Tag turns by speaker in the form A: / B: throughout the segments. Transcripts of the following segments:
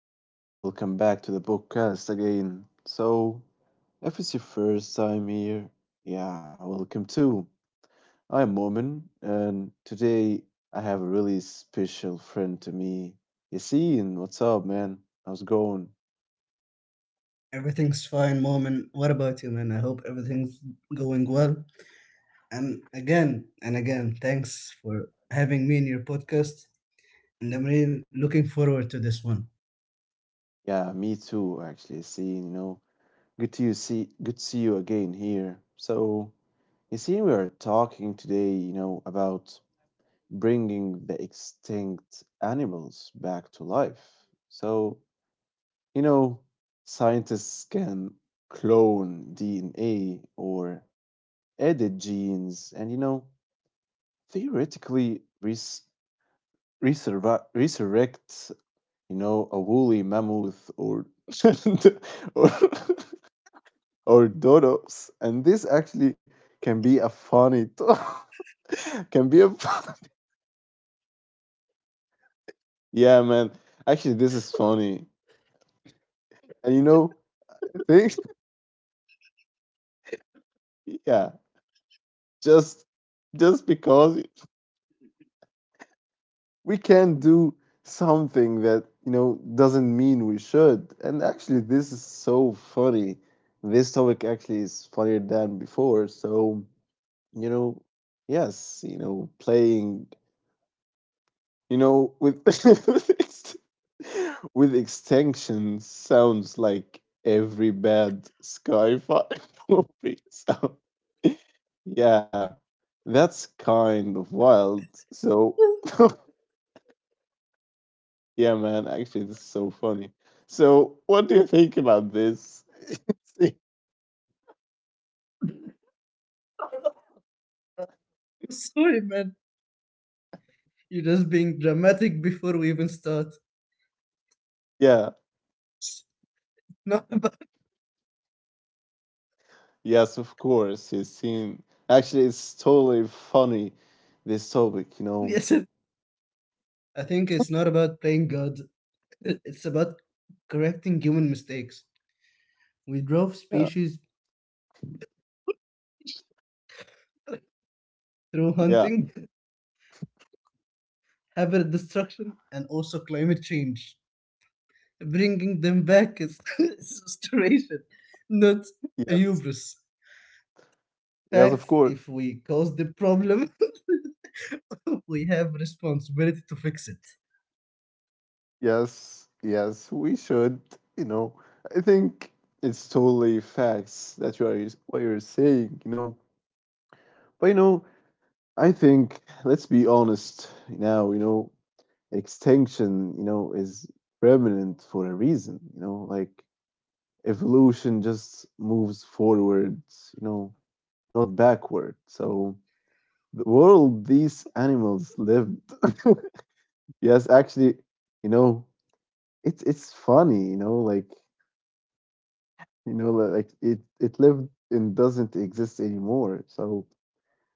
A: And welcome back to the podcast again. If it's your first time here, yeah, welcome too. I'm Momin, and today I have a really special friend to me, Yassine. What's up, man? How's it going?
B: Everything's fine, mom. And what about you, man? I hope everything's going well. And again, thanks for having me in your podcast. And I'm really looking forward to this one.
A: Yeah, me too, actually, Yassine. You know, good to see you again here. So, Yassine, we are talking today, you know, about bringing the extinct animals back to life. So, you know, scientists can clone DNA or edit genes and, you know, theoretically resurrect, you know, a woolly mammoth or. or or dodos. And this actually can be a funny can be a yeah, man, actually, this is funny. And you know, things, yeah, just just because we can do something that, you know, doesn't mean we should. And actually, this is so funny. This topic actually is funnier than before. So you know, yes, you know, playing, you know, with with extinction sounds like every bad Skyfire movie. So yeah, that's kind of wild. So yeah, man, actually, this is so funny. So what do you think about this?
B: Sorry, man. You're just being dramatic before we even start.
A: yeah,
B: It's not about
A: yes, of course, he's seen. Actually, it's totally funny. This topic, you know.
B: yes. I think it's not about playing God. It's about correcting human mistakes. We drove
A: Yeah,
B: species through
A: yeah,
B: hunting, habitat destruction, and also climate change. Bringing them back is, is restoration, not a
A: yes,
B: hubris.
A: yes, of
B: Facts, if
A: course.
B: we cause the problem, we have responsibility to fix it.
A: Yes, yes, we should. You know, I think it's totally facts that you are what you're saying. You know, but you know, I think let's be honest now. You know, extinction, you know, is permanent for a reason. You know, like evolution just moves forwards. You know, not backward. So the world these animals lived. yes, actually, you know, it's funny. You know, like. You know, like it lived and doesn't exist anymore. So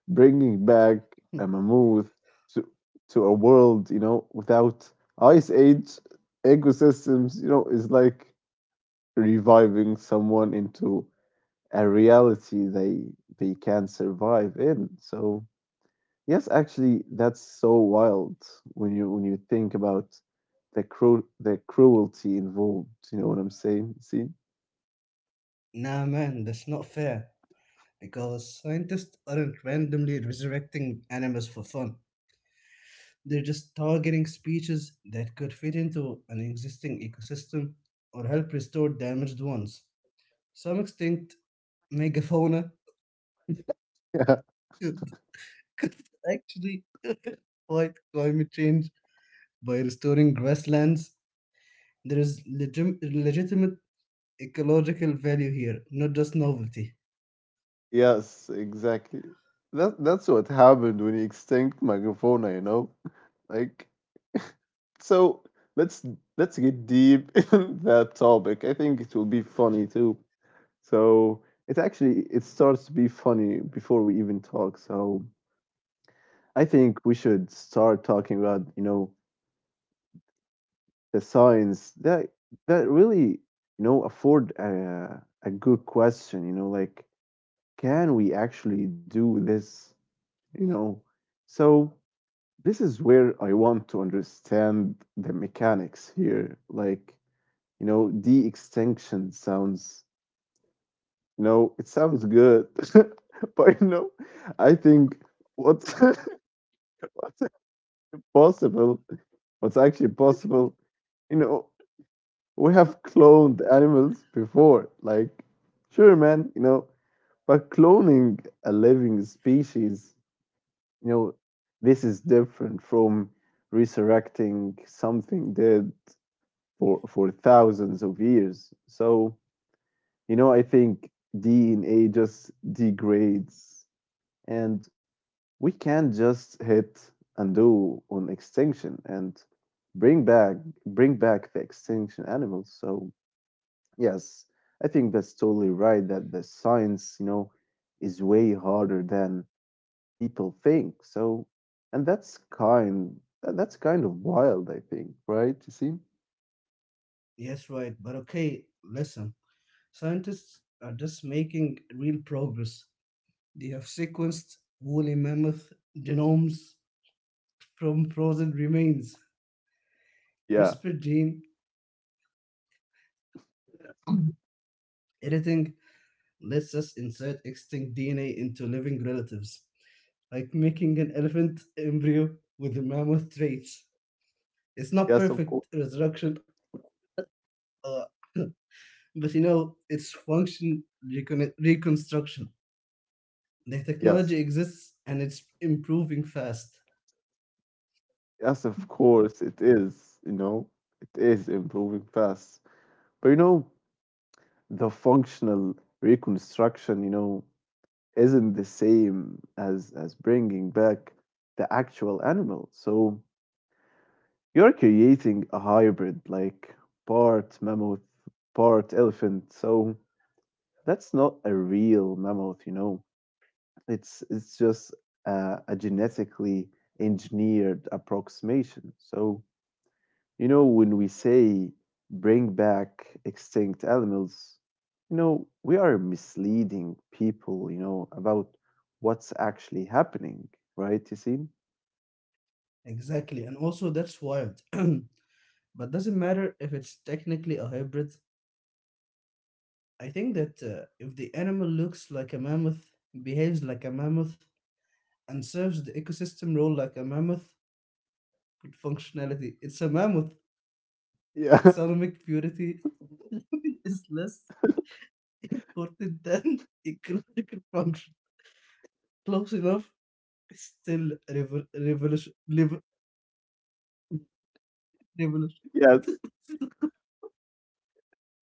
A: bringing back a
B: Hmm.
A: mammoth to a world, you know, without ice age ecosystems, you know, is like reviving someone into a reality they can survive in. So yes, actually, that's so wild when you think about the cruelty involved. You know what I'm saying? See?
B: Nah, man, that's not fair. Because scientists aren't randomly resurrecting animals for fun. They're just targeting species that could fit into an existing ecosystem or help restore damaged ones. Some extinct megafauna because actually fight climate change by restoring grasslands. There is legitimate ecological value here, not just novelty.
A: Yes, exactly. That that's what happened when he extinct Megafauna, you know? Like so let's let's get deep in that topic. I think it will be funny too. So it starts to be funny before we even talk. So I think we should start talking about, you know, the science that really, you know, afford a good question, you know, like can we actually do this, you know? So this is where I want to understand the mechanics here. Like, you know, de extinction sounds, you know, it sounds good, but you know, I think what's possible, what's actually possible, you know, we have cloned animals before. Like, sure, man, you know, but cloning a living species, you know, this is different from resurrecting something dead for thousands of years. So you know, I think DNA just degrades, and we can't just hit undo on extinction and bring back bring back the extinction animals. So yes, I think that's totally right that the science, you know, is way harder than people think. So, and that's kind of wild, I think, right? You see?
B: Yes, right. But okay, listen. Scientists are just making real progress. They have sequenced woolly mammoth genomes from frozen remains.
A: Yeah.
B: CRISPR gene editing lets us insert extinct DNA into living relatives, like making an elephant embryo with the mammoth traits. It's not
A: Yes, of
B: perfect
A: course.
B: resurrection, uh, but you know, it's reconstruction. The
A: Yes.
B: technology exists and it's improving fast.
A: Yes, of course, it is, you know, it is improving fast. But you know, the functional reconstruction, you know, isn't the same as bringing back the actual animal. So you're creating a hybrid, like part mammoth, part elephant. So that's not a real mammoth, you know. It's just a genetically engineered approximation. So you know, when we say bring back extinct animals, you know, we are misleading people, you know, about what's actually happening, right, Yasim?
B: Exactly, and also that's wild. But doesn't matter if it's technically a hybrid. I think that if the animal looks like a mammoth, behaves like a mammoth, and serves the ecosystem role like a mammoth with functionality, it's a mammoth.
A: Yeah,
B: Economic purity is less important than ecological function. Close enough, it's still revolution. Revolution.
A: yes,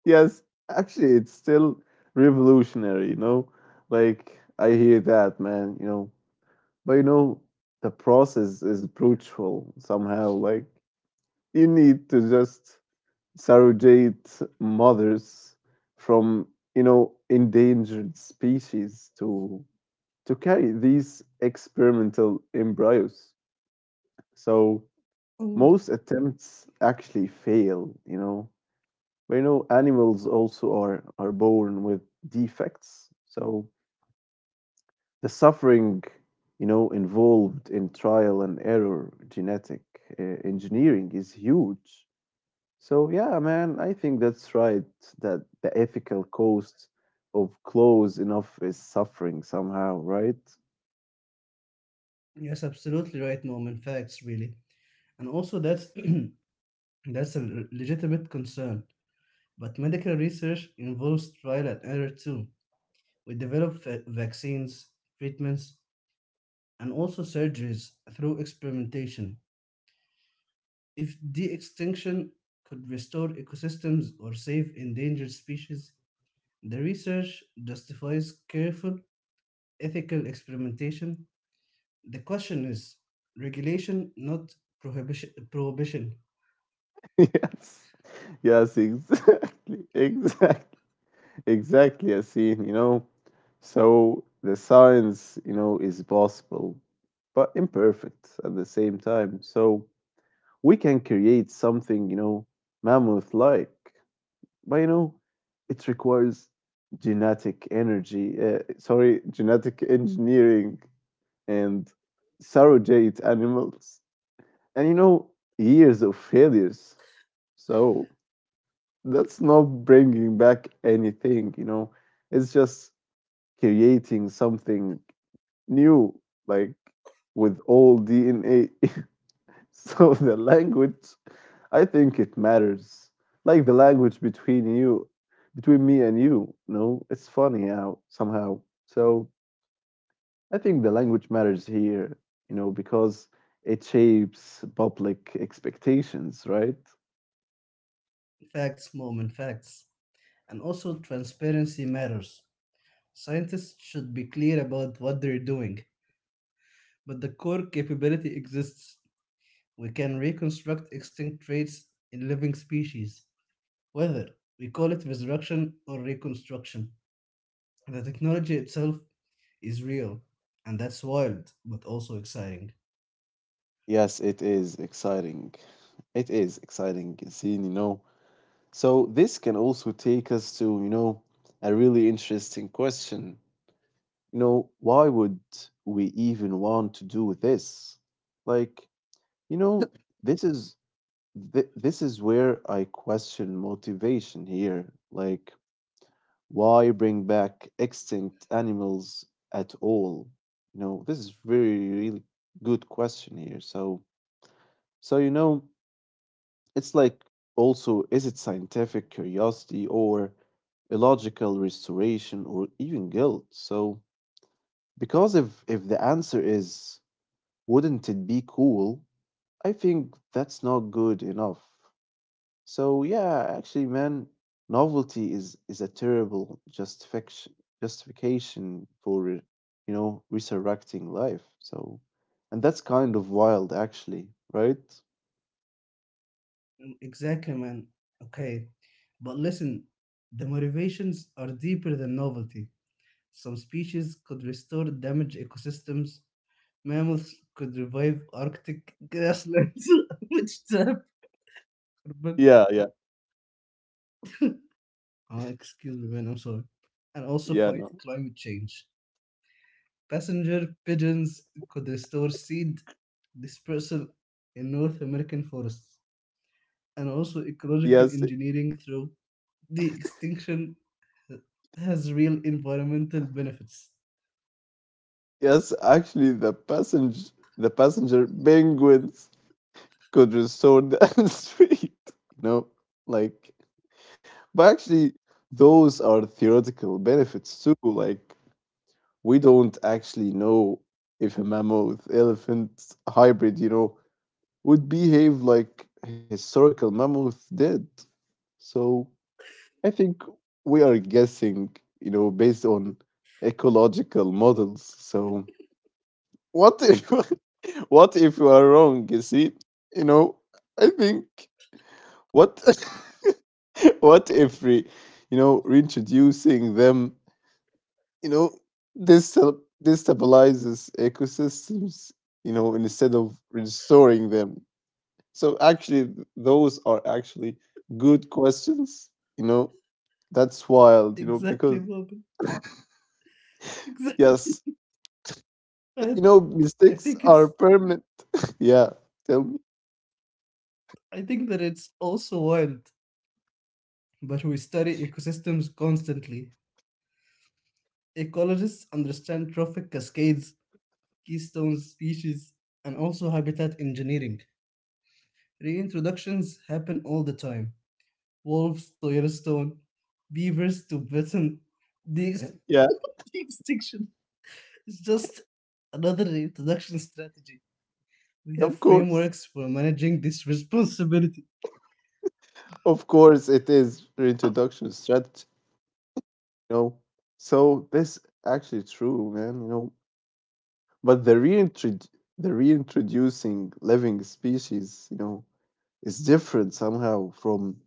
A: yes. Actually, it's still revolutionary, you know? Like, I hear that, man, you know. But, you know, the process is brutal somehow. Like, you need to just surrogate mothers from, you know, endangered species to carry these experimental embryos so
B: Oh.
A: most attempts actually fail, you know, but you know animals also are born with defects. So the suffering, you know, involved in trial and error genetic engineering is huge. So yeah, man, I think that's right. That the ethical cost of close enough is suffering somehow, right?
B: Yes, absolutely right, Mom. In facts, really, and also that's that's a legitimate concern. But medical research involves trial and error too. We develop vaccines, treatments, and also surgeries through experimentation. If de extinction could restore ecosystems or save endangered species, the research justifies careful ethical experimentation. The question is regulation, not prohibition.
A: yes, yes, exactly, exactly. I see. You know. So the science, you know, is possible, but imperfect at the same time. So we can create something, you know, mammoth-like. But you know, it requires genetic engineering and surrogate animals. And you know, years of failures. So that's not bringing back anything, you know, it's just creating something new, like with all DNA. so the language I think it matters. Like the language between you, between me and you know, it's funny how somehow. So I think the language matters here, you know, because it shapes public expectations, right?
B: Facts, moment, facts. And also, transparency matters. Scientists should be clear about what they're doing, but the core capability exists. We can reconstruct extinct traits in living species, whether we call it resurrection or reconstruction. The technology itself is real, and that's wild, but also exciting.
A: Yes, it is exciting. It is exciting scene, you know. So this can also take us to, you know, a really interesting question. You know, why would we even want to do this? Like, you know, this is this is where I question motivation here. Like, why bring back extinct animals at all? You know, this is very really good question here. So, so you know, it's like also is it scientific curiosity or illogical restoration or even guilt? So, because if the answer is wouldn't it be cool? I think that's not good enough. So yeah, actually, man, novelty is a terrible justification for, you know, resurrecting life. So, and that's kind of wild, actually, right?
B: Mm, exactly, man. Okay, but listen, the motivations are deeper than novelty. Some species could restore damaged ecosystems, mammals could revive Arctic grasslands, which tap.
A: Yeah, yeah,
B: Excuse me, man, I'm sorry. And also
A: yeah,
B: fight
A: no.
B: climate change. Passenger pigeons could restore seed dispersal in North American forests. And also ecological
A: Yes,
B: engineering through the extinction has real environmental benefits.
A: yes, actually the passenger penguins could restore the street. You know, like but actually those are theoretical benefits too. Like we don't actually know if a mammoth elephant hybrid, you know, would behave like historical mammoth did. So I think we are guessing, you know, based on ecological models. So what if what if you are wrong? You see, you know, I think what what if re, you know, reintroducing them, you know, destabilizes ecosystems, you know, instead of restoring them. So actually those are actually good questions, you know. That's wild, you know,
B: Exactly,
A: because
B: Bob. Exactly.
A: yes,
B: And
A: you know,
B: I
A: mistakes
B: think
A: are
B: it's
A: permanent. yeah, tell me,
B: I think that it's also wild. But we study ecosystems constantly. Ecologists understand trophic cascades, keystone species, and also habitat engineering. Reintroductions happen all the time. Wolves to Yellowstone, beavers to Britain. The
A: yeah,
B: extinction is just another reintroduction strategy. We
A: of
B: have
A: course,
B: frameworks for managing this responsibility.
A: of course it is reintroduction strategy, you know. So this actually true, man, you know. But the reintroducing living species, you know, is different somehow from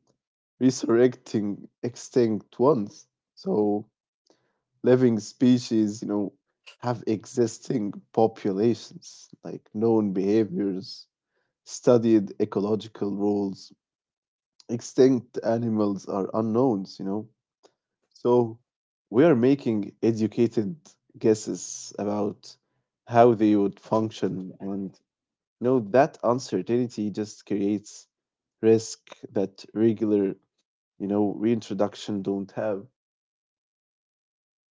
A: resurrecting extinct ones. So living species, you know, have existing populations, like known behaviors, studied ecological rules. Extinct animals are unknowns, you know. So we are making educated guesses about how they would function and no, that uncertainty just creates risk that regular, you know, reintroduction don't have.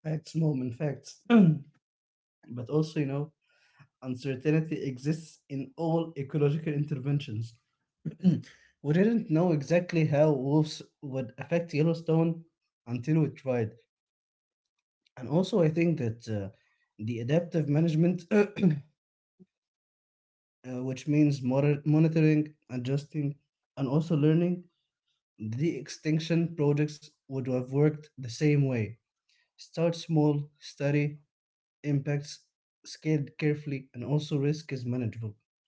B: Facts, mom, and facts. But also, you know, uncertainty exists in all ecological interventions. We didn't know exactly how wolves would affect Yellowstone until we tried. And also, I think that the adaptive management, which means monitoring, adjusting, and also learning, the extinction projects would have worked the same way. Start small, study impacts, scaled carefully, and also risk is manageable.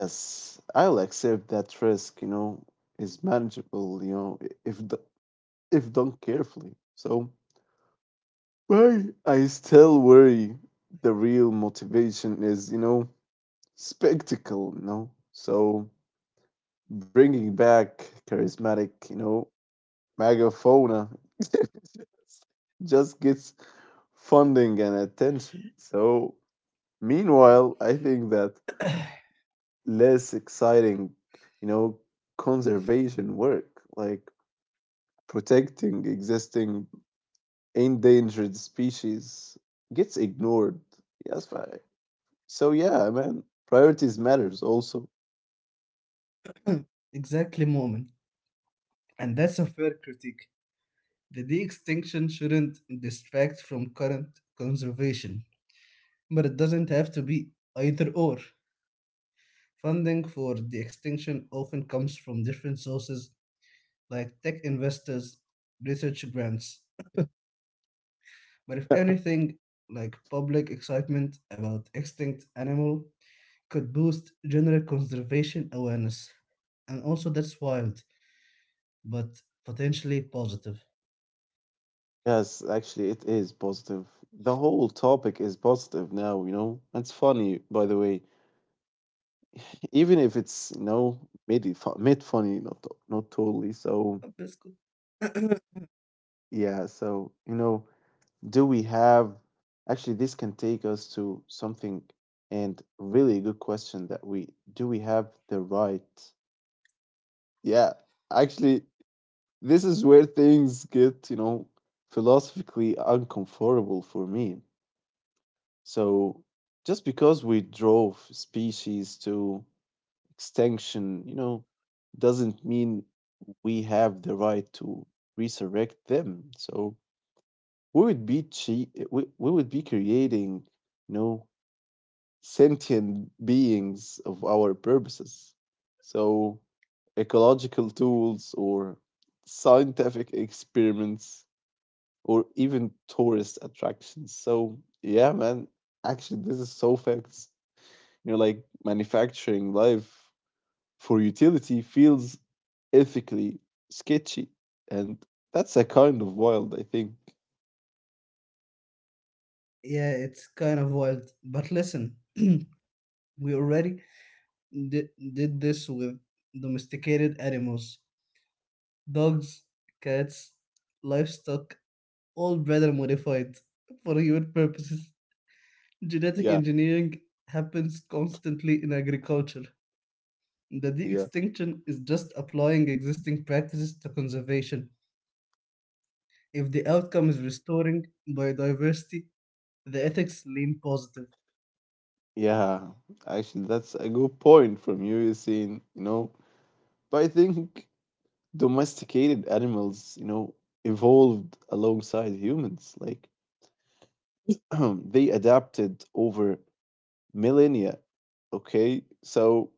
A: Yes, I'll accept that risk, you know, is manageable, you know, if done carefully. So, why I still worry the real motivation is, you know, spectacle, you know. So, bringing back charismatic, you know, megafauna just gets funding and attention. So, meanwhile, I think that less exciting, you know, conservation work, like protecting existing endangered species, gets ignored. Yes, fi- so yeah, man, priorities matters also.
B: Exactly, moment. And that's a fair critique. The de-extinction shouldn't distract from current conservation, but it doesn't have to be either or. Funding for de-extinction often comes from different sources like tech investors, research grants. But if anything, like public excitement about extinct animal could boost general conservation awareness. And also that's wild, but potentially positive.
A: Yes, actually, it is positive. The whole topic is positive now, you know. It's funny, by the way, even if it's, you know, mid funny, not totally. So
B: Biscuit.
A: yeah, so, you know, do we have actually this can take us to something and really good question that we do we have the right? Yeah, actually, this is where things get, you know, philosophically uncomfortable for me. So, just because we drove species to extinction, you know, doesn't mean we have the right to resurrect them. So, we would be creating, you know, sentient beings of our purposes. So ecological tools or scientific experiments or even tourist attractions. So yeah, man, actually this is so facts, you know, like manufacturing life for utility feels ethically sketchy. And that's a kind of wild, I think.
B: Yeah, it's kind of wild. But listen, we already di- did this with domesticated animals: dogs, cats, livestock, all better modified for human purposes. Genetic
A: Yeah,
B: engineering happens constantly in agriculture. The de
A: yeah,
B: extinction is just applying existing practices to conservation. If the outcome is restoring biodiversity, the ethics lean positive.
A: yeah, actually, that's a good point from you, Yasin. You know, but I think domesticated animals, you know, evolved alongside humans. Like they adapted over millennia. Okay, so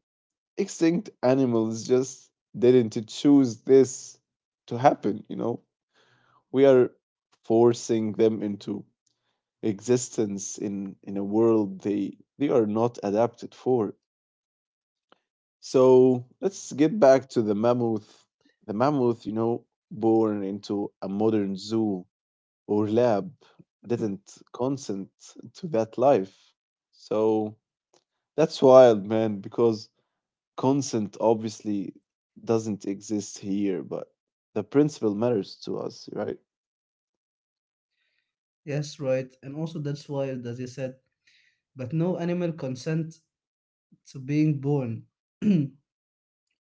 A: extinct animals just didn't choose this to happen. You know, we are forcing them into existence in a world they are not adapted for. So let's get back to the mammoth. The mammoth, you know, born into a modern zoo or lab, didn't consent to that life. So that's wild, man, because consent obviously doesn't exist here, but the principle matters to us, right?
B: Yes, right. And also that's wild, as you said. But no animal consent to being born.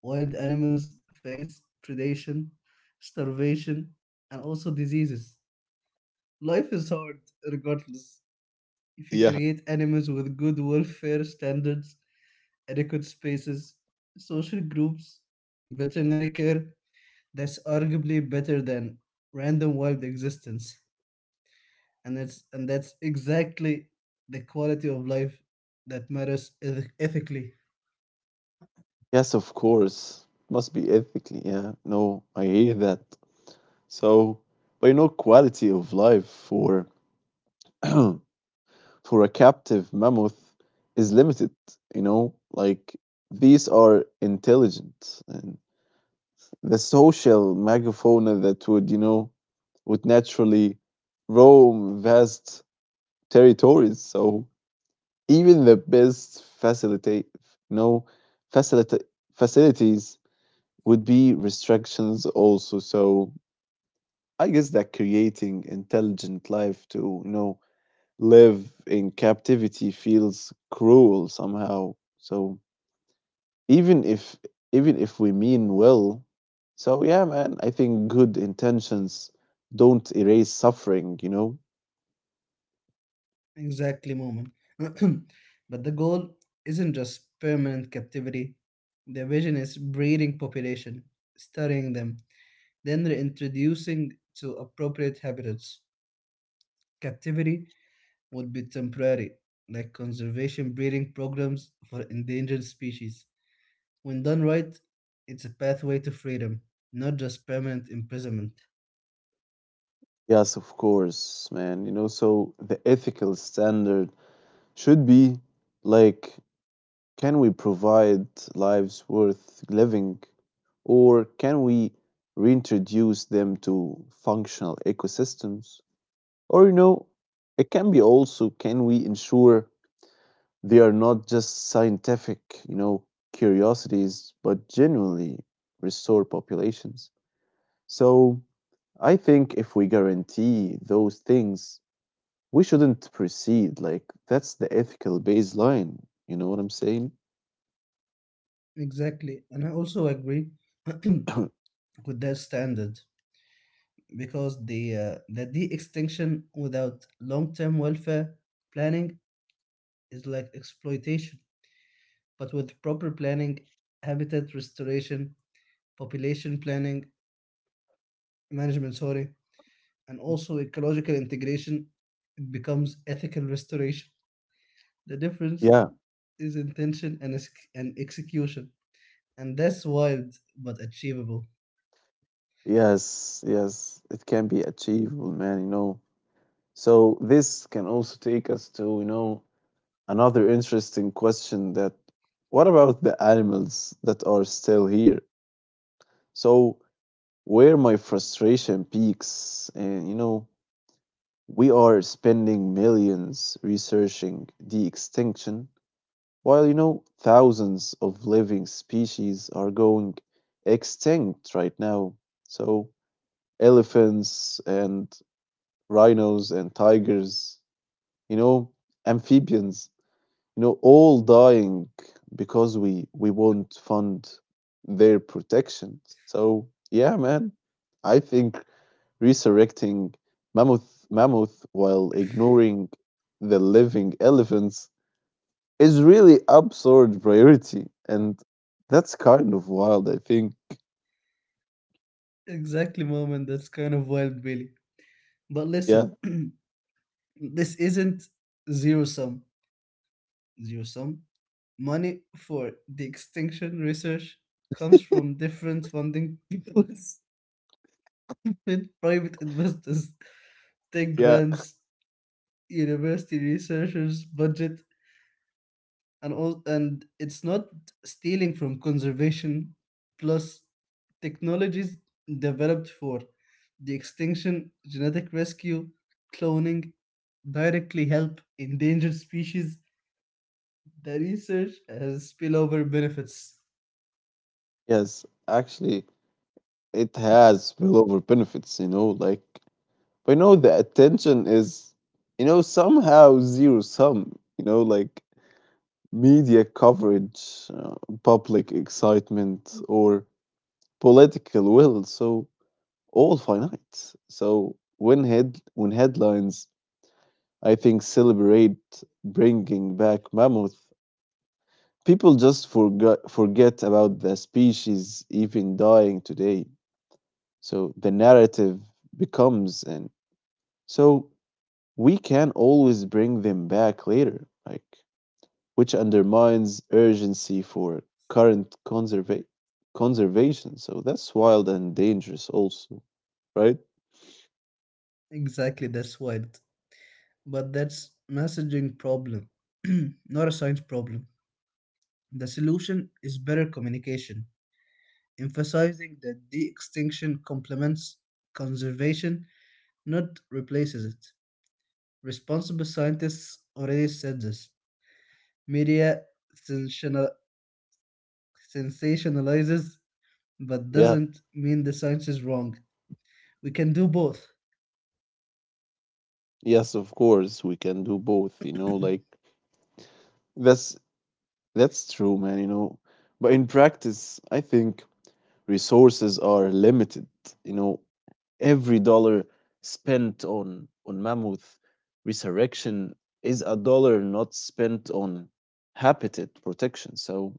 B: Wild animals face predation, starvation, and also diseases. Life is hard, regardless. If you
A: Yeah.
B: create animals with good welfare standards, adequate spaces, social groups, veterinary care, that's arguably better than random wild existence. And that's exactly the quality of life that matters ethically.
A: Yes, of course. Must be ethically. Yeah. No, I hear that. So, but you know, quality of life for. for a captive mammoth is limited. You know, like these are intelligent and the social megafauna that would, you know, would naturally roam vast territories. So even the best facilitate, you know, facilita- facilities would be restrictions also. So I guess that creating intelligent life to, live in captivity feels cruel somehow. So even if even if we mean well, so yeah, man, I think good intentions don't erase suffering, you know?
B: Exactly, moment. But the goal isn't just permanent captivity. Their vision is breeding population, studying them, then reintroducing to appropriate habitats. Captivity would be temporary, like conservation breeding programs for endangered species. When done right, it's a pathway to freedom, not just permanent imprisonment.
A: Yes, of course, man. You know, so the ethical standard should be, like, can we provide lives worth living, or can we reintroduce them to functional ecosystems? Or, you know, it can be also, can we ensure they are not just scientific, curiosities, but genuinely restore populations? So I think if we guarantee those things, we shouldn't proceed. Like, that's the ethical baseline. You know what I'm saying?
B: Exactly, and I also agree with that standard, because the de-extinction without long-term welfare planning is like exploitation, but with proper planning, habitat restoration, population planning, management, sorry, and also ecological integration, it becomes ethical restoration. The difference
A: Yeah,
B: is intention and execution. And that's wild but achievable.
A: yes, it can be achievable, man, you know. So this can also take us to, another interesting question, that what about the animals that are still here? So where my frustration peaks, and you know, we are spending millions researching the extinction while, you know, thousands of living species are going extinct right now. So elephants and rhinos and tigers, you know, amphibians, you know, all dying because we won't fund their protection. So yeah, man, I think resurrecting mammoth while ignoring the living elephants is really absurd priority, and that's kind of wild, I think.
B: Exactly, mom, and that's kind of wild, Billy. But
A: Yeah,
B: listen, this isn't zero sum. zero sum. Money for the extinction research comes from different funding pools with private investors, tech
A: yeah,
B: grants, university researchers' budget, and all, and it's not stealing from conservation, plus technologies developed for the extinction, genetic rescue, cloning, directly help endangered species. The research has spillover benefits.
A: yes. Actually, it has spillover benefits. You know, like, but you know, the attention is, you know, somehow zero sum. You know, like media coverage, public excitement, or political will. So all finite. So when headlines, I think, celebrate bringing back mammoth, people just forget about the species even dying today. So the narrative becomes, and so we can always bring them back later, like, which undermines urgency for current conserva- conservation. So that's wild and dangerous, also, right?
B: Exactly, that's wild. But that's messaging problem, not a science problem. The solution is better communication, emphasizing that de extinction complements conservation, not replaces it. Responsible scientists already said this. Media sensational- sensationalizes, but
A: Yeah,
B: doesn't mean the science is wrong. We can do both.
A: yes, of course, we can do both. You know, like, that's that's true, man. You know, but in practice, I think resources are limited. You know, every dollar spent on Mammoth Resurrection is a dollar not spent on habitat protection. So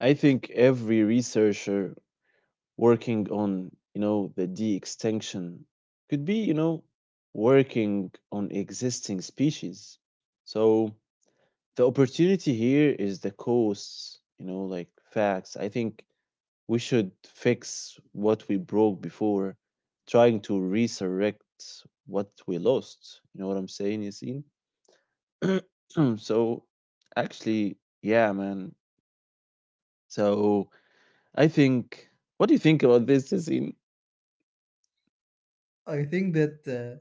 A: I think every researcher working on, you know, the de-extinction could be, you know, working on existing species. So the opportunity here is the costs, you know, like facts. I think we should fix what we broke before trying to resurrect what we lost. You know what I'm saying, Yasin? So, actually, yeah, man. So, I think, what do you think about this, Yasin?
B: I think that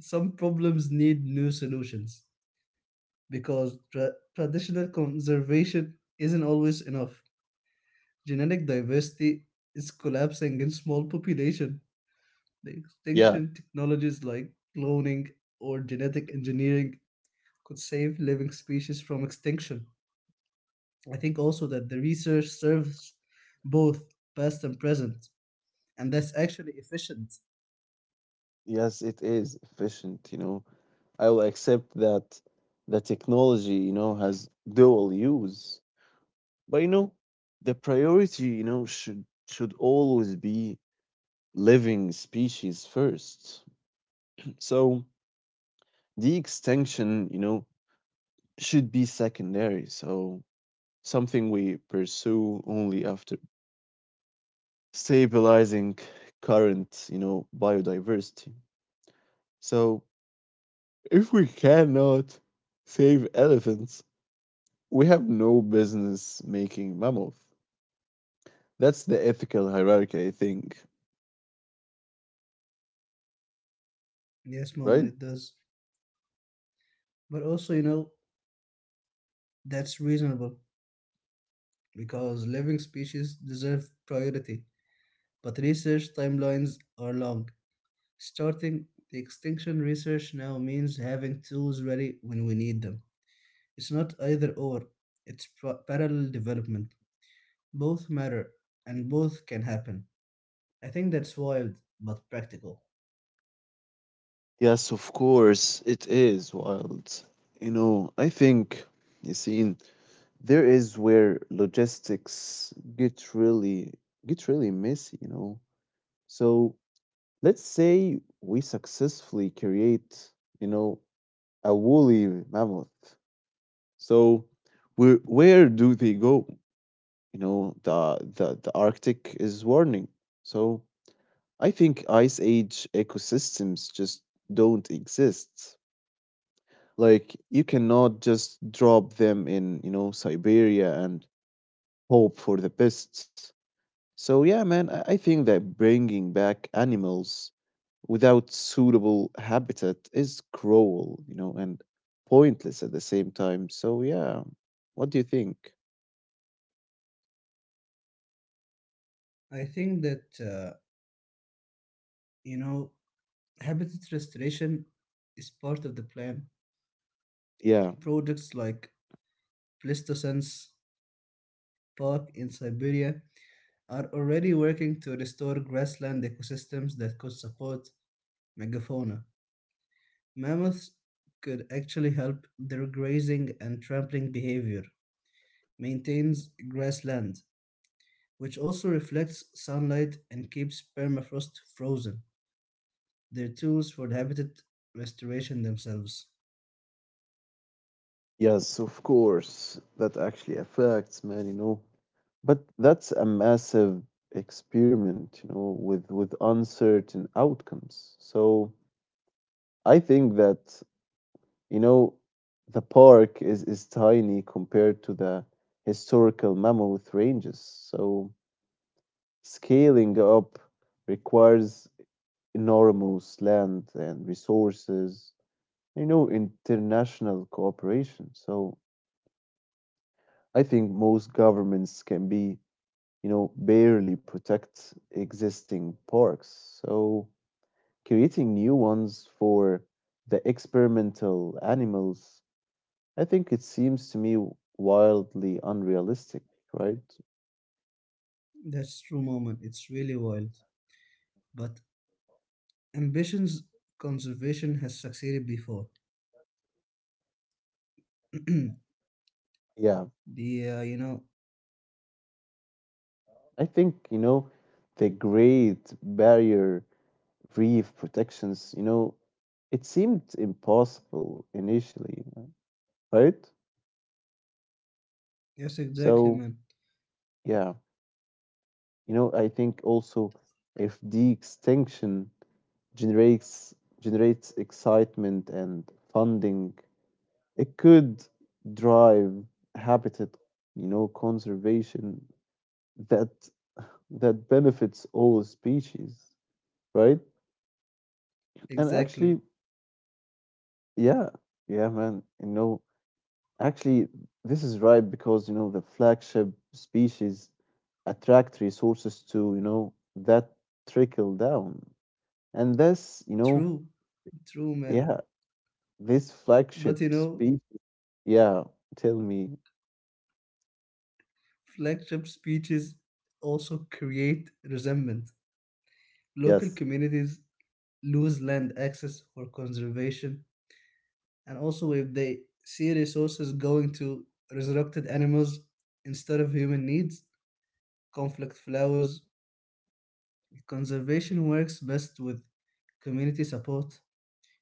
B: some problems need new solutions because traditional conservation isn't always enough. Genetic diversity is collapsing in small population. The
A: Yeah,
B: extinction technologies like cloning or genetic engineering could save living species from extinction. I think also that the research serves both past and present, and that's actually efficient.
A: yes, it is efficient, you know. I will accept that the technology, you know, has dual use. But, you know, the priority, you know, should always be living species first. So the extinction, you know, should be secondary. So something we pursue only after stabilizing current, you know, biodiversity. So if we cannot save elephants, we have no business making mammals. That's the ethical hierarchy, I think,
B: Yes,
A: right?
B: moment it does. But also, you know, that's reasonable because living species deserve priority, but research timelines are long. Starting the extinction research now means having tools ready when we need them. It's not either or, it's parallel development. Both matter and both can happen. I think that's wild but practical.
A: Yes, of course, it is wild. You know, I think, Yassine, there is where logistics get really messy, you know. So let's say we successfully create, you know, a woolly mammoth. So where do they go? You know, the Arctic is warning. So I think ice age ecosystems just don't exist. Like, you cannot just drop them in, you know, Siberia and hope for the best. So yeah, man, I think that bringing back animals without suitable habitat is cruel, you know, and pointless at the same time. So yeah, what do you think?
B: I think that, you know, habitat restoration is part of the plan.
A: Yeah,
B: Projects like Pleistocene's Park in Siberia are already working to restore grassland ecosystems that could support megafauna. Mammoths could actually help: their grazing and trampling behavior maintains grassland, which also reflects sunlight and keeps permafrost frozen. They're tools for the habitat restoration themselves.
A: yes, of course. That actually affects, man, you know. But that's a massive experiment, you know, with uncertain outcomes. So I think that, you know, the park is tiny compared to the historical mammoth ranges, so scaling up requires enormous land and resources, you know, international cooperation. So I think most governments can be, you know, barely protect existing parks. So creating new ones for the experimental animals, I think it seems to me wildly unrealistic, right?
B: That's true, moment. It's really wild. But ambitions conservation has succeeded before.
A: Yeah,
B: The
A: I think, you know, the Great Barrier Reef protections, you know, it seemed impossible initially, right?
B: yes exactly
A: So,
B: man
A: yeah, you know, I think also, if the extinction generates generates excitement and funding, it could drive habitat, you know, conservation that benefits all species, right? And
B: exactly
A: actually, yeah, yeah, man, you know, actually, this is right because, you know, the flagship species attract resources to, you know, that trickle down. And this, you know,
B: true true man.
A: yeah, this flagship
B: But you know,
A: species, yeah, tell me,
B: flagship speeches also create resentment. Local
A: yes,
B: communities lose land access for conservation, and also if they see resources going to resurrected animals instead of human needs, conflict flowers. Conservation works best with community support.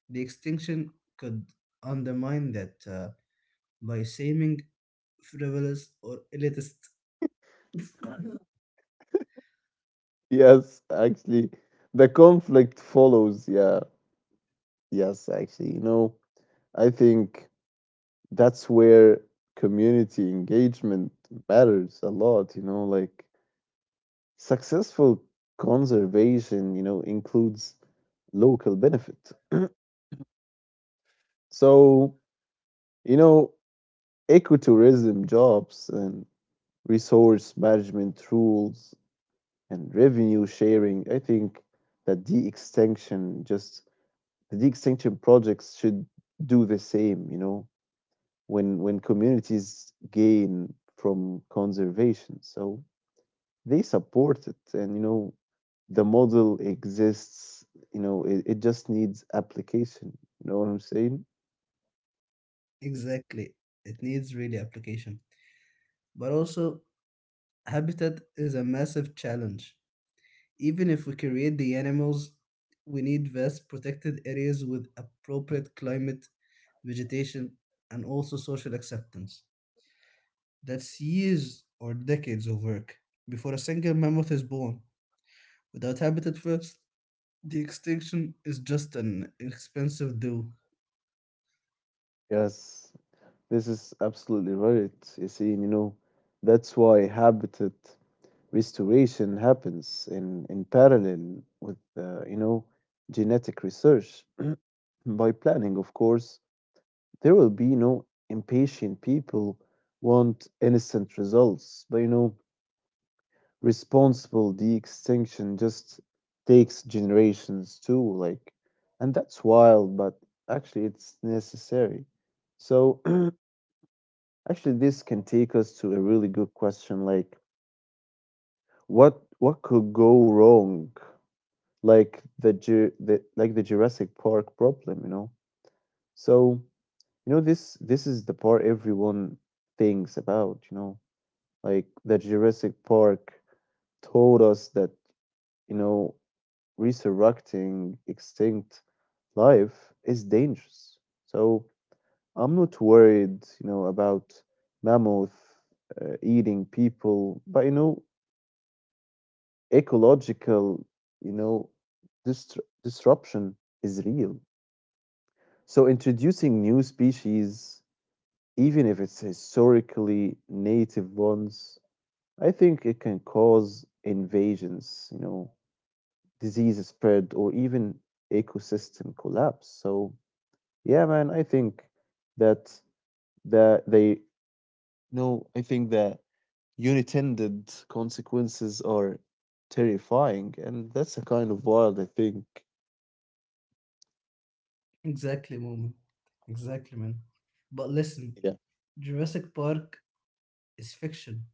B: The extinction could undermine that, by seeming frivolous or elitist.
A: yes, actually, the conflict follows, yeah, yes, actually, you know, I think that's where community engagement matters a lot, you know, like successful conservation, you know, includes local benefit. So, you know, ecotourism jobs and resource management rules and revenue sharing, I think that the extinction just the de-extinction projects should do the same, you know. When communities gain from conservation, so they support it. And, you know, the model exists, you know. It just needs application, you know what I'm saying?
B: Exactly, it needs really application. But also, habitat is a massive challenge. Even if we create the animals, we need vast protected areas with appropriate climate, vegetation, and also social acceptance. That's years or decades of work before a single mammoth is born. Without habitat first, the extinction is just an expensive do.
A: Yes, this is absolutely right, you see. And, you know, that's why habitat restoration happens in parallel with, you know, genetic research. By planning, of course, there will be no impatient people. Want instant results, but, you know, responsible de-extinction just takes generations too, like. And that's wild, but actually it's necessary. So actually this can take us to a really good question, like, what could go wrong, like the the Jurassic Park problem, you know. So, you know, this is the part everyone thinks about, you know, like the Jurassic Park told us that, you know, resurrecting extinct life is dangerous. So I'm not worried, you know, about mammoth eating people, but, you know, ecological, you know, distru disruption is real. So introducing new species, even if it's historically native ones, I think it can cause invasions, you know, disease spread, or even ecosystem collapse. So yeah, man, I think that the they no, I think the unintended consequences are terrifying, and that's a kind of wild, I think.
B: Exactly, moment. Exactly, man. But listen,
A: Yeah.
B: Jurassic Park is fiction.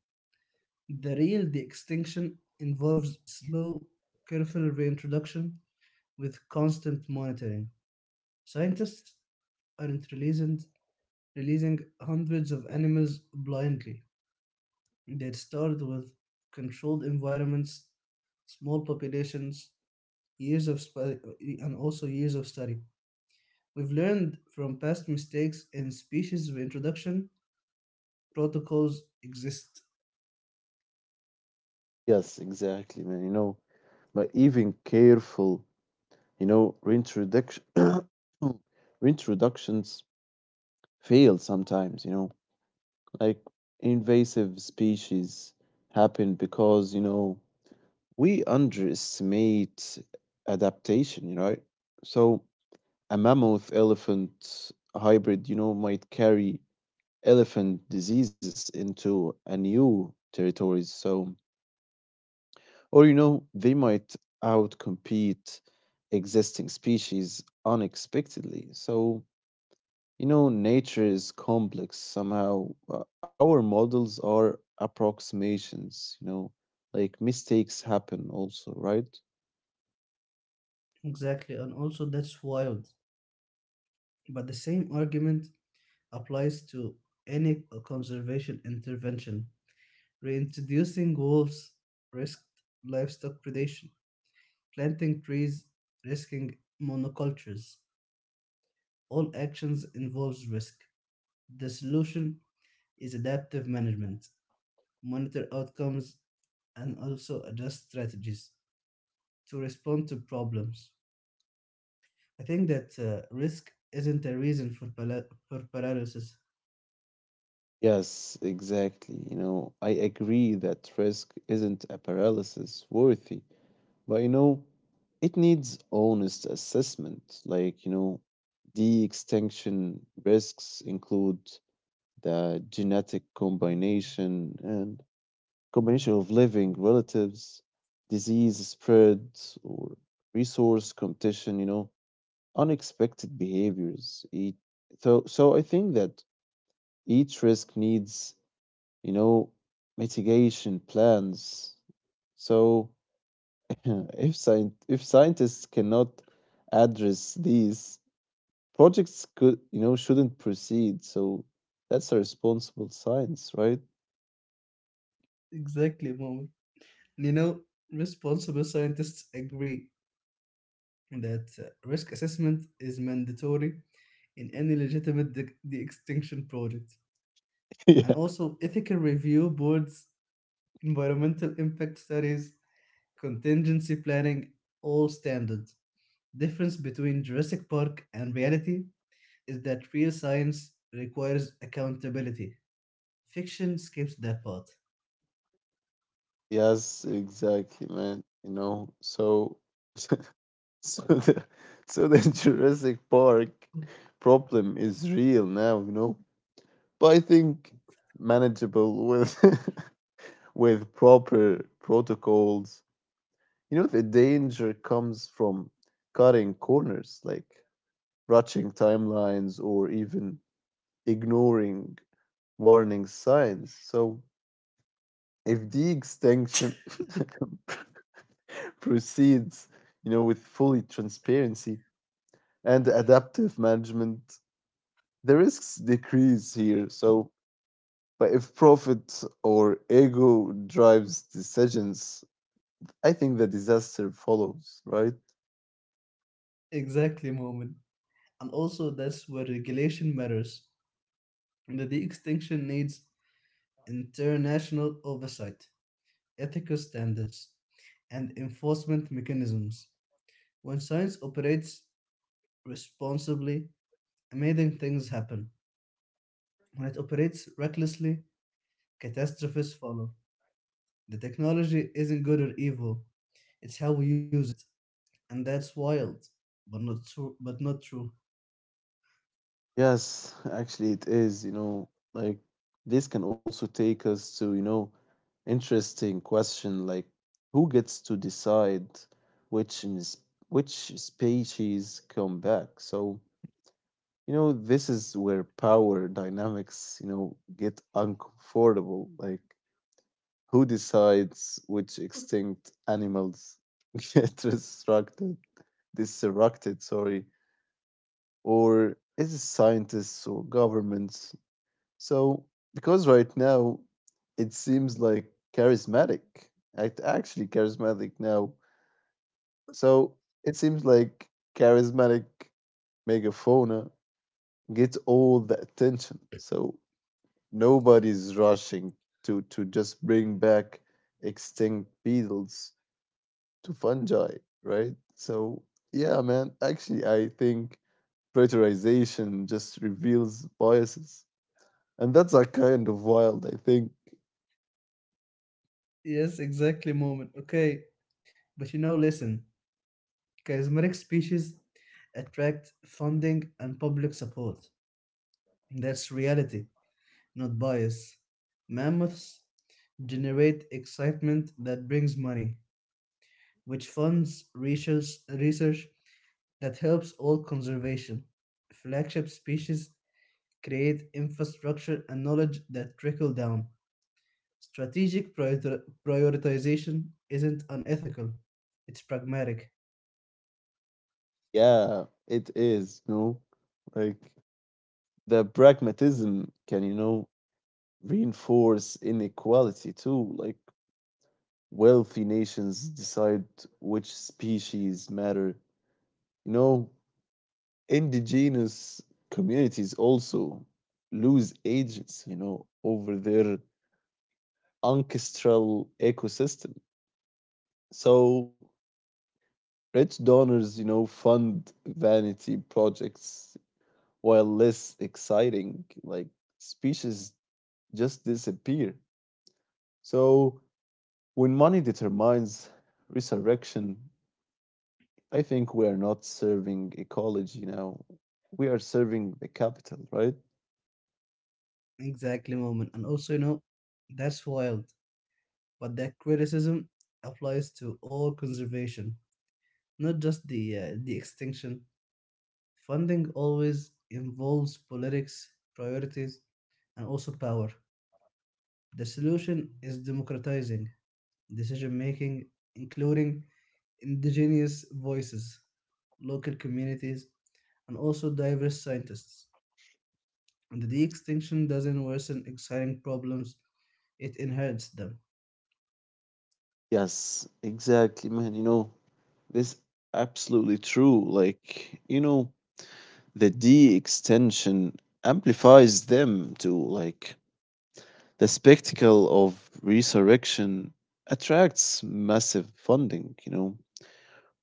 B: The real de extinction involves slow, careful reintroduction with constant monitoring. Scientists aren't releasing hundreds of animals blindly. They'd start with controlled environments, small populations, and also years of study. We've learned from past mistakes and species reintroduction protocols exist.
A: Yes, exactly, man. You know, but even careful, you know, reintroduction reintroductions fail sometimes, you know, like invasive species happen because, you know, we underestimate adaptation, you know. So a mammoth elephant hybrid, you know, might carry elephant diseases into a new territories. So, or you know, they might outcompete existing species unexpectedly. So, you know, nature is complex somehow. Our models are approximations, you know, like mistakes happen also, right?
B: Exactly, and also that's wild. But the same argument applies to any conservation intervention. Reintroducing wolves risked livestock predation. Planting trees risking monocultures. All actions involves risk. The solution is adaptive management. Monitor outcomes and also adjust strategies to respond to problems. I think that risk isn't a reason for, for paralysis.
A: Yes, exactly. You know, I agree that risk isn't a paralysis worthy. But you know, it needs honest assessment. Like, you know, the extinction risks include the genetic combination and combination of living relatives, disease spread, or resource competition, you know, unexpected behaviors. So I think that each risk needs, you know, mitigation plans. So, if scientists cannot address these, projects could, you know, shouldn't proceed. So that's a responsible science, right?
B: Exactly, moment. And you know, responsible scientists agree that risk assessment is mandatory in any legitimate de-extinction project. And
A: Yeah.
B: also ethical review boards, environmental impact studies, contingency planning, all standard. Difference between Jurassic Park and reality is that real science requires accountability. Fiction skips that part.
A: Yes, exactly, man. You know, so so the so the Jurassic Park problem is real now, you know. But I think manageable with with proper protocols. You know, the danger comes from cutting corners, like rushing timelines, or even ignoring warning signs. So if the extinction proceeds, you know, with fully transparency and adaptive management, the risks decrease here. So, but if profit or ego drives decisions, I think the disaster follows, right?
B: Exactly, moment. And also that's where regulation matters. That The de extinction needs international oversight, ethical standards, and enforcement mechanisms. When science operates responsibly, amazing things happen. When it operates recklessly, catastrophes follow. The technology isn't good or evil, it's how we use it. And that's wild, but not true. But not true.
A: Yes, actually, it is. You know, like this can also take us to, you know, interesting question, like who gets to decide which in which species come back? So, you know, this is where power dynamics, you know, get uncomfortable. Like, who decides which extinct animals get resurrected, disrupted, sorry, or is it scientists or governments? So, because right now it seems like charismatic, actually charismatic now. So it seems like charismatic megafauna gets all the attention. So nobody's rushing to just bring back extinct beetles to fungi, right? So yeah, man. Actually, I think preterization just reveals biases, and that's a kind of wild, I think.
B: Yes, exactly, moment. Okay, but you know, listen, charismatic species attract funding and public support. That's reality, not bias. Mammoths generate excitement that brings money, which funds research, research that helps all conservation. Flagship species create infrastructure and knowledge that trickle down. Strategic prioritization isn't unethical, it's pragmatic.
A: Yeah, it is, you know. Like, the pragmatism can, you know, reinforce inequality too. Like, wealthy nations decide which species matter. You know, indigenous communities also lose agents, you know, over their ancestral ecosystem. So rich donors, you know, fund vanity projects while less exciting, like, species just disappear. So when money determines resurrection, I think we are not serving ecology now. We are serving the capital, right?
B: Exactly, moment. And also, you know, that's wild, but that criticism applies to all conservation, not just the extinction. Funding always involves politics, priorities, and also power. The solution is democratizing decision making, including indigenous voices, local communities, and also diverse scientists. And the de-extinction doesn't worsen exciting problems, it inherits them.
A: Yes, exactly, man. You know, this absolutely true. Like, you know, the D extension amplifies them to, like, the spectacle of resurrection attracts massive funding, you know,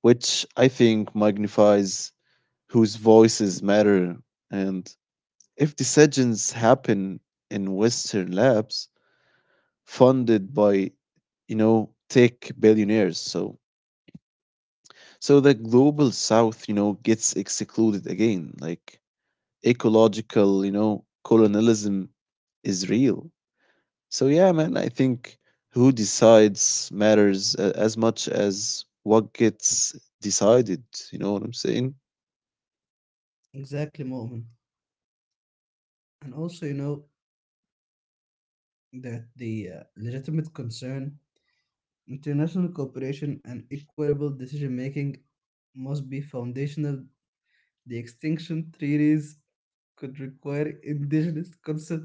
A: which I think magnifies whose voices matter. And if decisions happen in Western labs funded by, you know, tech billionaires, so the global South, you know, gets excluded again. Like, ecological, you know, colonialism is real. So yeah, man, I think who decides matters as much as what gets decided. You know what I'm saying?
B: Exactly, Mo'min. And also, you know, that the legitimate concern, international cooperation, and equitable decision making must be foundational. The extinction treaties could require indigenous consent,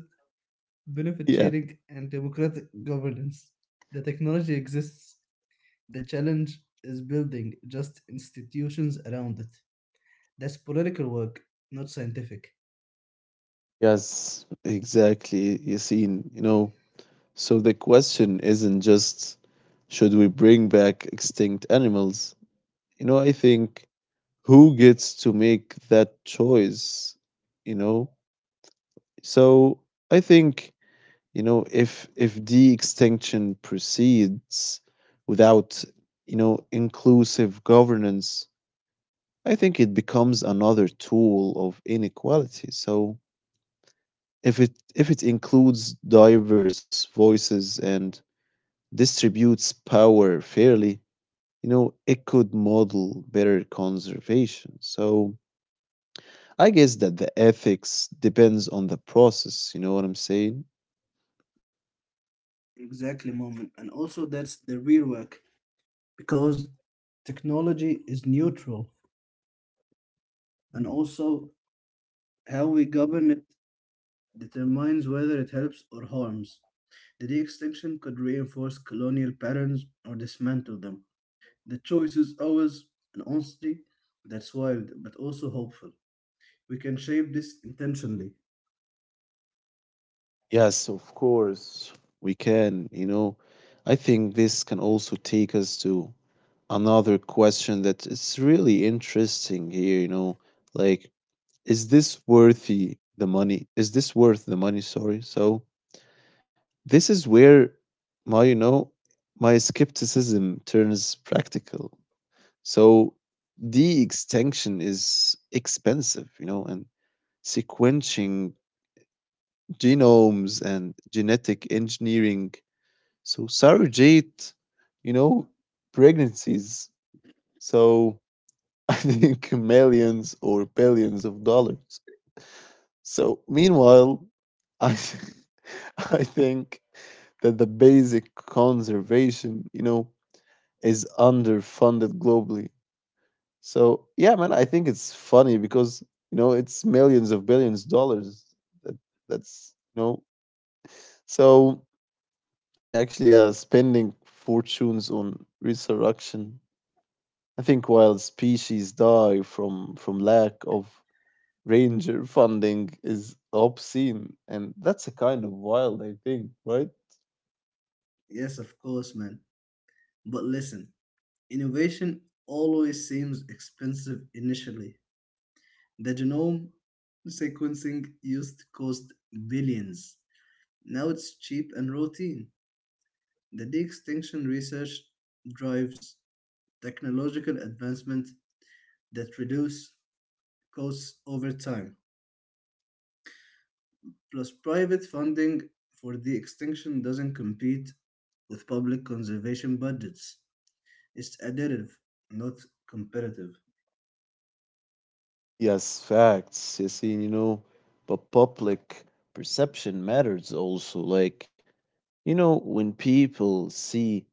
B: benefit
A: Yeah.
B: sharing, and democratic governance. The technology exists. The challenge is building just institutions around it. That's political work, not scientific.
A: Yes, exactly. You seen, you know, so the question isn't just should we bring back extinct animals? You know, I think who gets to make that choice, you know? So I think, you know, if de extinction proceeds without, you know, inclusive governance, I think it becomes another tool of inequality. So if it includes diverse voices and distributes power fairly, you know, it could model better conservation. So I guess that the ethics depends on the process, you know what I'm saying?
B: Exactly, moment. And also, that's the real work because technology is neutral, and also how we govern it determines whether it helps or harms. The de extinction could reinforce colonial patterns or dismantle them. The choice is ours, and honestly, that's wild but also hopeful. We can shape this intentionally.
A: Yes, of course, we can, you know. I think this can also take us to another question that is really interesting here, you know, like is this worthy the money? Is this worth the money? Sorry. So this is where my, you know, my skepticism turns practical. So de extinction is expensive, you know, and sequencing genomes and genetic engineering. So surrogate, you know, pregnancies. So I think millions or billions of dollars. So meanwhile, I I think that the basic conservation, you know, is underfunded globally. So yeah, man, I think it's funny because you know it's millions of billions dollars. That that's you know. So actually, yeah, spending fortunes on resurrection. I think while species die from lack of ranger funding is obscene, and that's a kind of wild. I think, right?
B: Yes, of course, man. But listen, innovation always seems expensive initially. The genome sequencing used to cost billions. Now it's cheap and routine. The de extinction research drives technological advancement that reduce costs over time. Plus, private funding for de extinction doesn't compete with public conservation budgets. It's additive, not competitive.
A: Yes, facts, Yassine, you know, but public perception matters also. Like, you know, when people see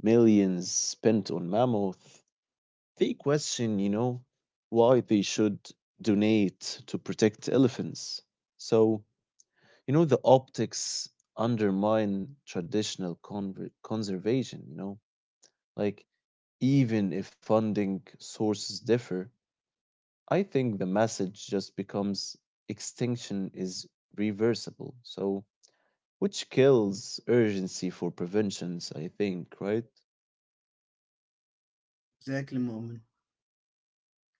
A: millions spent on mammoth, they question, you know, why they should donate to protect elephants. So, you know, the optics undermine traditional conservation, you know, like even if funding sources differ, I think the message just becomes extinction is reversible. So, which kills urgency for preventions, I think, right?
B: Exactly, Moment.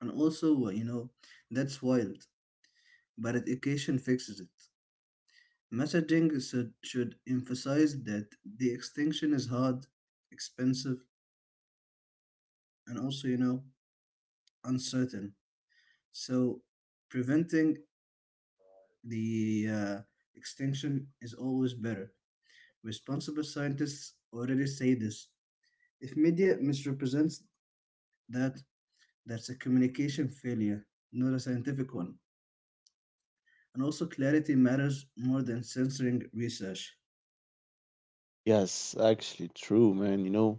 B: And also, you know, that's wild, but education fixes it. Messaging should emphasize that the extinction is hard, expensive, and also, you know, uncertain. So, preventing the extinction is always better. Responsible scientists already say this. If media misrepresents that, that's a communication failure, not a scientific one. And also, clarity matters more than censoring research.
A: Yes, actually, true, man, you know.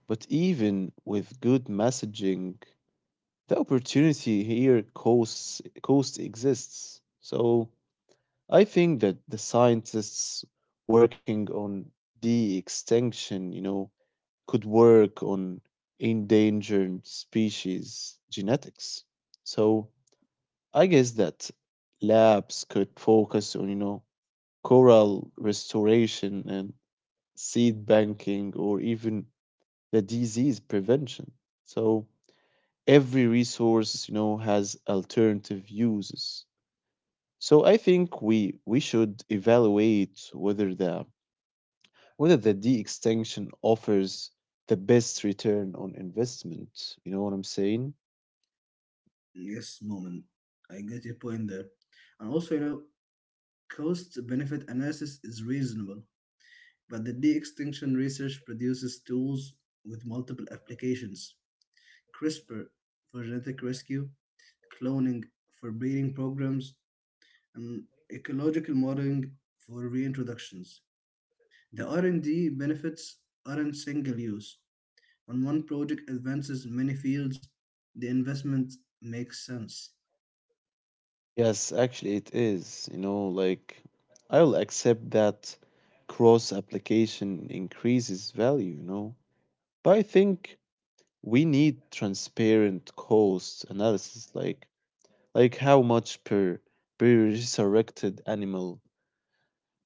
A: But even with good messaging, the opportunity here cost exists. So I think that the scientists working on de extinction, you know, could work on endangered species genetics. So I guess that labs could focus on, you know, coral restoration and seed banking or even the disease prevention. So every resource, you know, has alternative uses. So I think we should evaluate whether the de extinction offers the best return on investment. You know what I'm saying?
B: Yes, moment. I get your point there. And also, you know, cost benefit analysis is reasonable, but the de extinction research produces tools with multiple applications: CRISPR for genetic rescue, cloning for breeding programs, and ecological modeling for reintroductions. The R&D benefits aren't single use. When one project advances many fields, the investment makes sense.
A: Yes, actually, it is. You know, like I'll accept that cross application increases value, you know, but I think we need transparent cost analysis, like how much per resurrected animal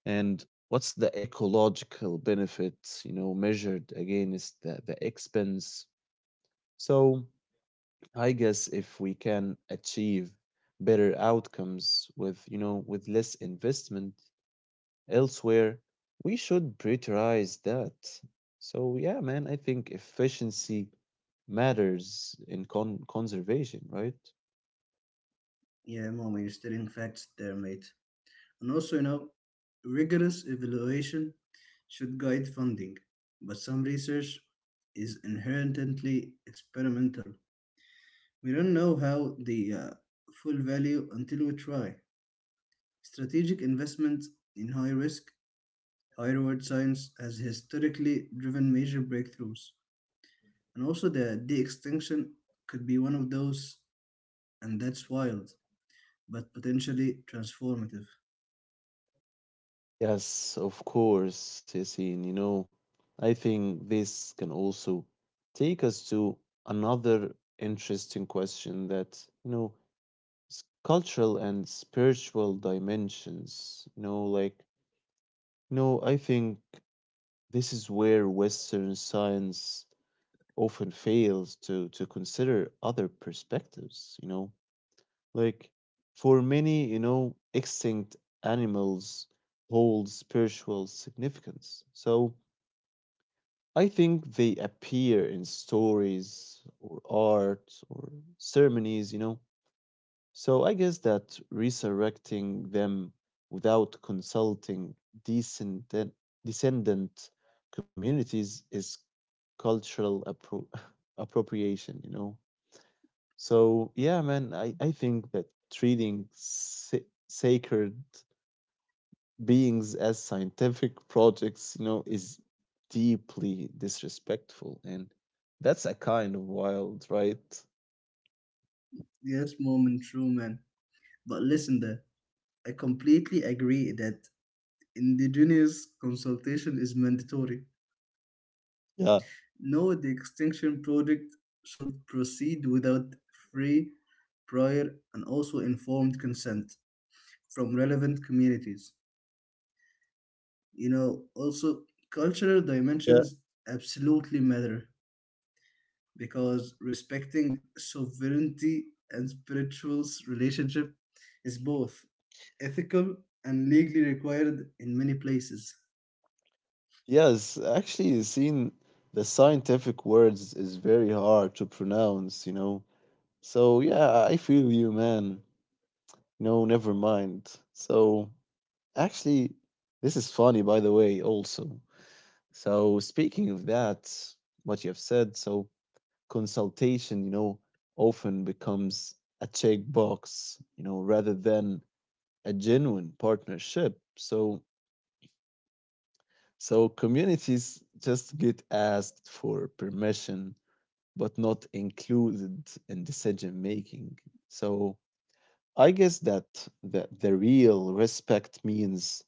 A: and what's the ecological benefit, you know, measured against the expense. So I guess if we can achieve better outcomes with, you know, with less investment elsewhere, we should prioritize that. So yeah, man, I think efficiency matters in conservation, right?
B: Yeah, Mom, you're stating facts there, mate. And also, you know, rigorous evaluation should guide funding, but some research is inherently experimental. We don't know how the full value until we try. Strategic investment in high risk, high reward science has historically driven major breakthroughs. And also, the de extinction could be one of those, and that's wild, but potentially transformative.
A: Yes, of course, Yassine. You know, I think this can also take us to another interesting question that, you know, s- cultural and spiritual dimensions. You know, like, you know, I think this is where Western science often fails to consider other perspectives. You know, like for many, you know, extinct animals hold spiritual significance. So I think they appear in stories or art or ceremonies. You know, so I guess that resurrecting them without consulting descendant, descendant communities is cultural appropriation, you know? So, yeah, man, I think that treating sacred beings as scientific projects, you know, is deeply disrespectful. And that's a kind of wild, right?
B: Yes, moment, true man. But listen, there. I completely agree that indigenous consultation is mandatory.
A: Yeah.
B: No, the extinction project should proceed without free, prior, and also informed consent from relevant communities. You know, also cultural
A: Yeah.
B: dimensions absolutely matter because respecting sovereignty and spirituals relationship is both ethical and legally required in many places.
A: Yes, actually, seeing the scientific words is very hard to pronounce, you know. So, yeah, I feel you, man. No, never mind. So, actually, this is funny, by the way, also. So, speaking of that, what you have said, so consultation, you know, often becomes a checkbox, you know, rather than a genuine partnership. So, communities just get asked for permission but not included in decision making. So I guess that the real respect means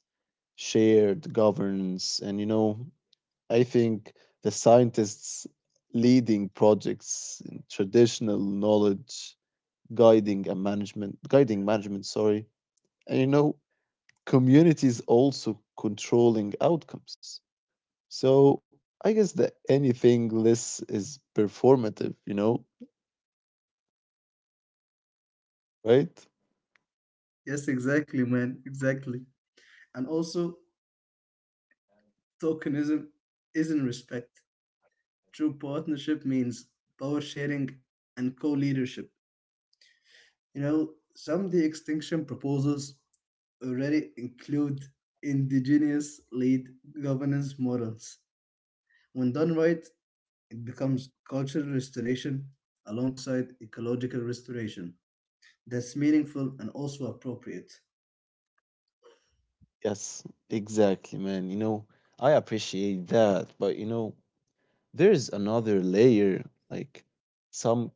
A: shared governance. And, you know, I think the scientists leading projects, traditional knowledge, guiding management, sorry. And, you know, communities also controlling outcomes. So I guess that anything less is performative, you know, right?
B: Yes, exactly, man. Exactly. And also, tokenism isn't respect. True partnership means power sharing and co leadership. You know, some de extinction proposals already include indigenous lead governance models. When done right, it becomes cultural restoration alongside ecological restoration. That's meaningful and also appropriate.
A: Yes, exactly, man. You know, I appreciate that, but you know, there's another layer. Like some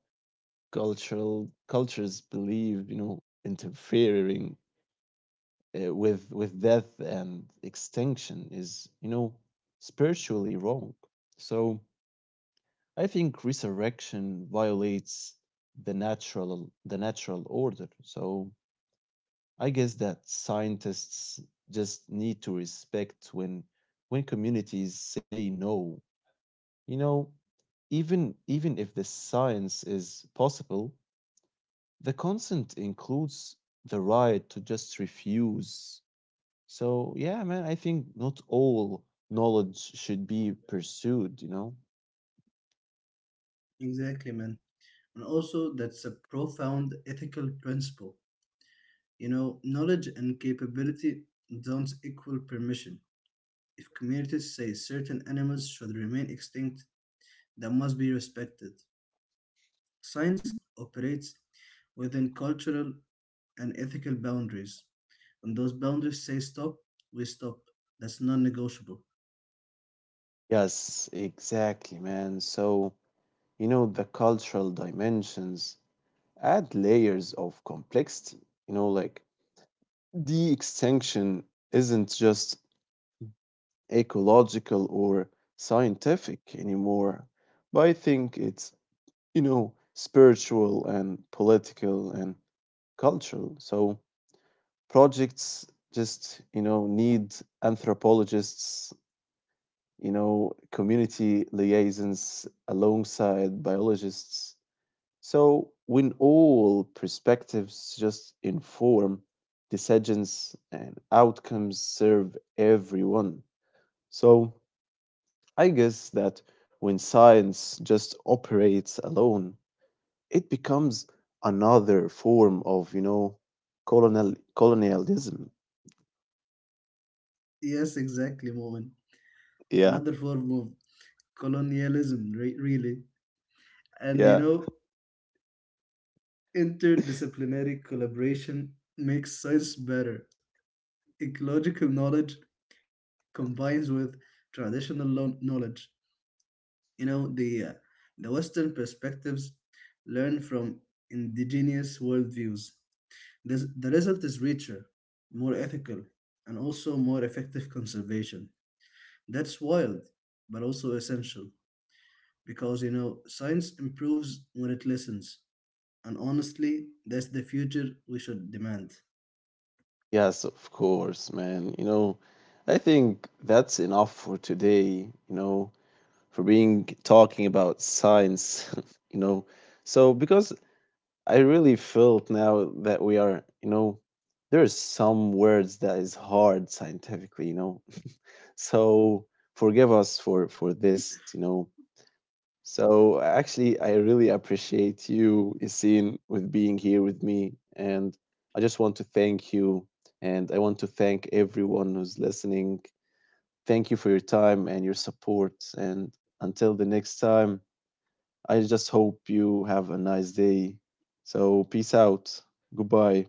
A: cultural cultures believe, you know, interfering with death and extinction is, you know, spiritually wrong. So I think resurrection violates the natural order. So I guess that scientists just need to respect when communities say no. You know, even if the science is possible, the consent includes the right to just refuse. So yeah, man, I think not all knowledge should be pursued, you know?
B: Exactly, man. And also, that's a profound ethical principle. You know, knowledge and capability don't equal permission. If communities say certain animals should remain extinct, that must be respected. Science operates within cultural and ethical boundaries. When those boundaries say stop, we stop. That's non negotiable.
A: Yes, exactly, man. So, you know, the cultural dimensions add layers of complexity, you know, like the extinction isn't just ecological or scientific anymore, but I think it's, you know, spiritual and political and cultural. So projects just, you know, need anthropologists, you know, community liaisons alongside biologists. So, when all perspectives just inform decisions and outcomes serve everyone. So, I guess that when science just operates alone, it becomes another form of, you know, colonialism.
B: Yes, exactly, Moment.
A: Yeah,
B: Another form of colonialism, really. And you
A: yeah.
B: know, interdisciplinary collaboration makes science better, ecological knowledge combines with traditional knowledge. You know, the Western perspectives learn from indigenous worldviews. The result is richer, more ethical, and also more effective conservation. That's wild, but also essential because, you know, science improves when it listens. And honestly, that's the future we should demand.
A: Yes, of course, man. You know, I think that's enough for today, you know, for being talking about science, you know. So because I really felt now that we are, you know, there are some words that is hard scientifically, you know. So forgive us for this, you know. So actually, I really appreciate you, Isin, with being here with me, and I just want to thank you, and I want to thank everyone who's listening. Thank you for your time and your support, and until the next time. I just hope you have a nice day. So, peace out. Goodbye.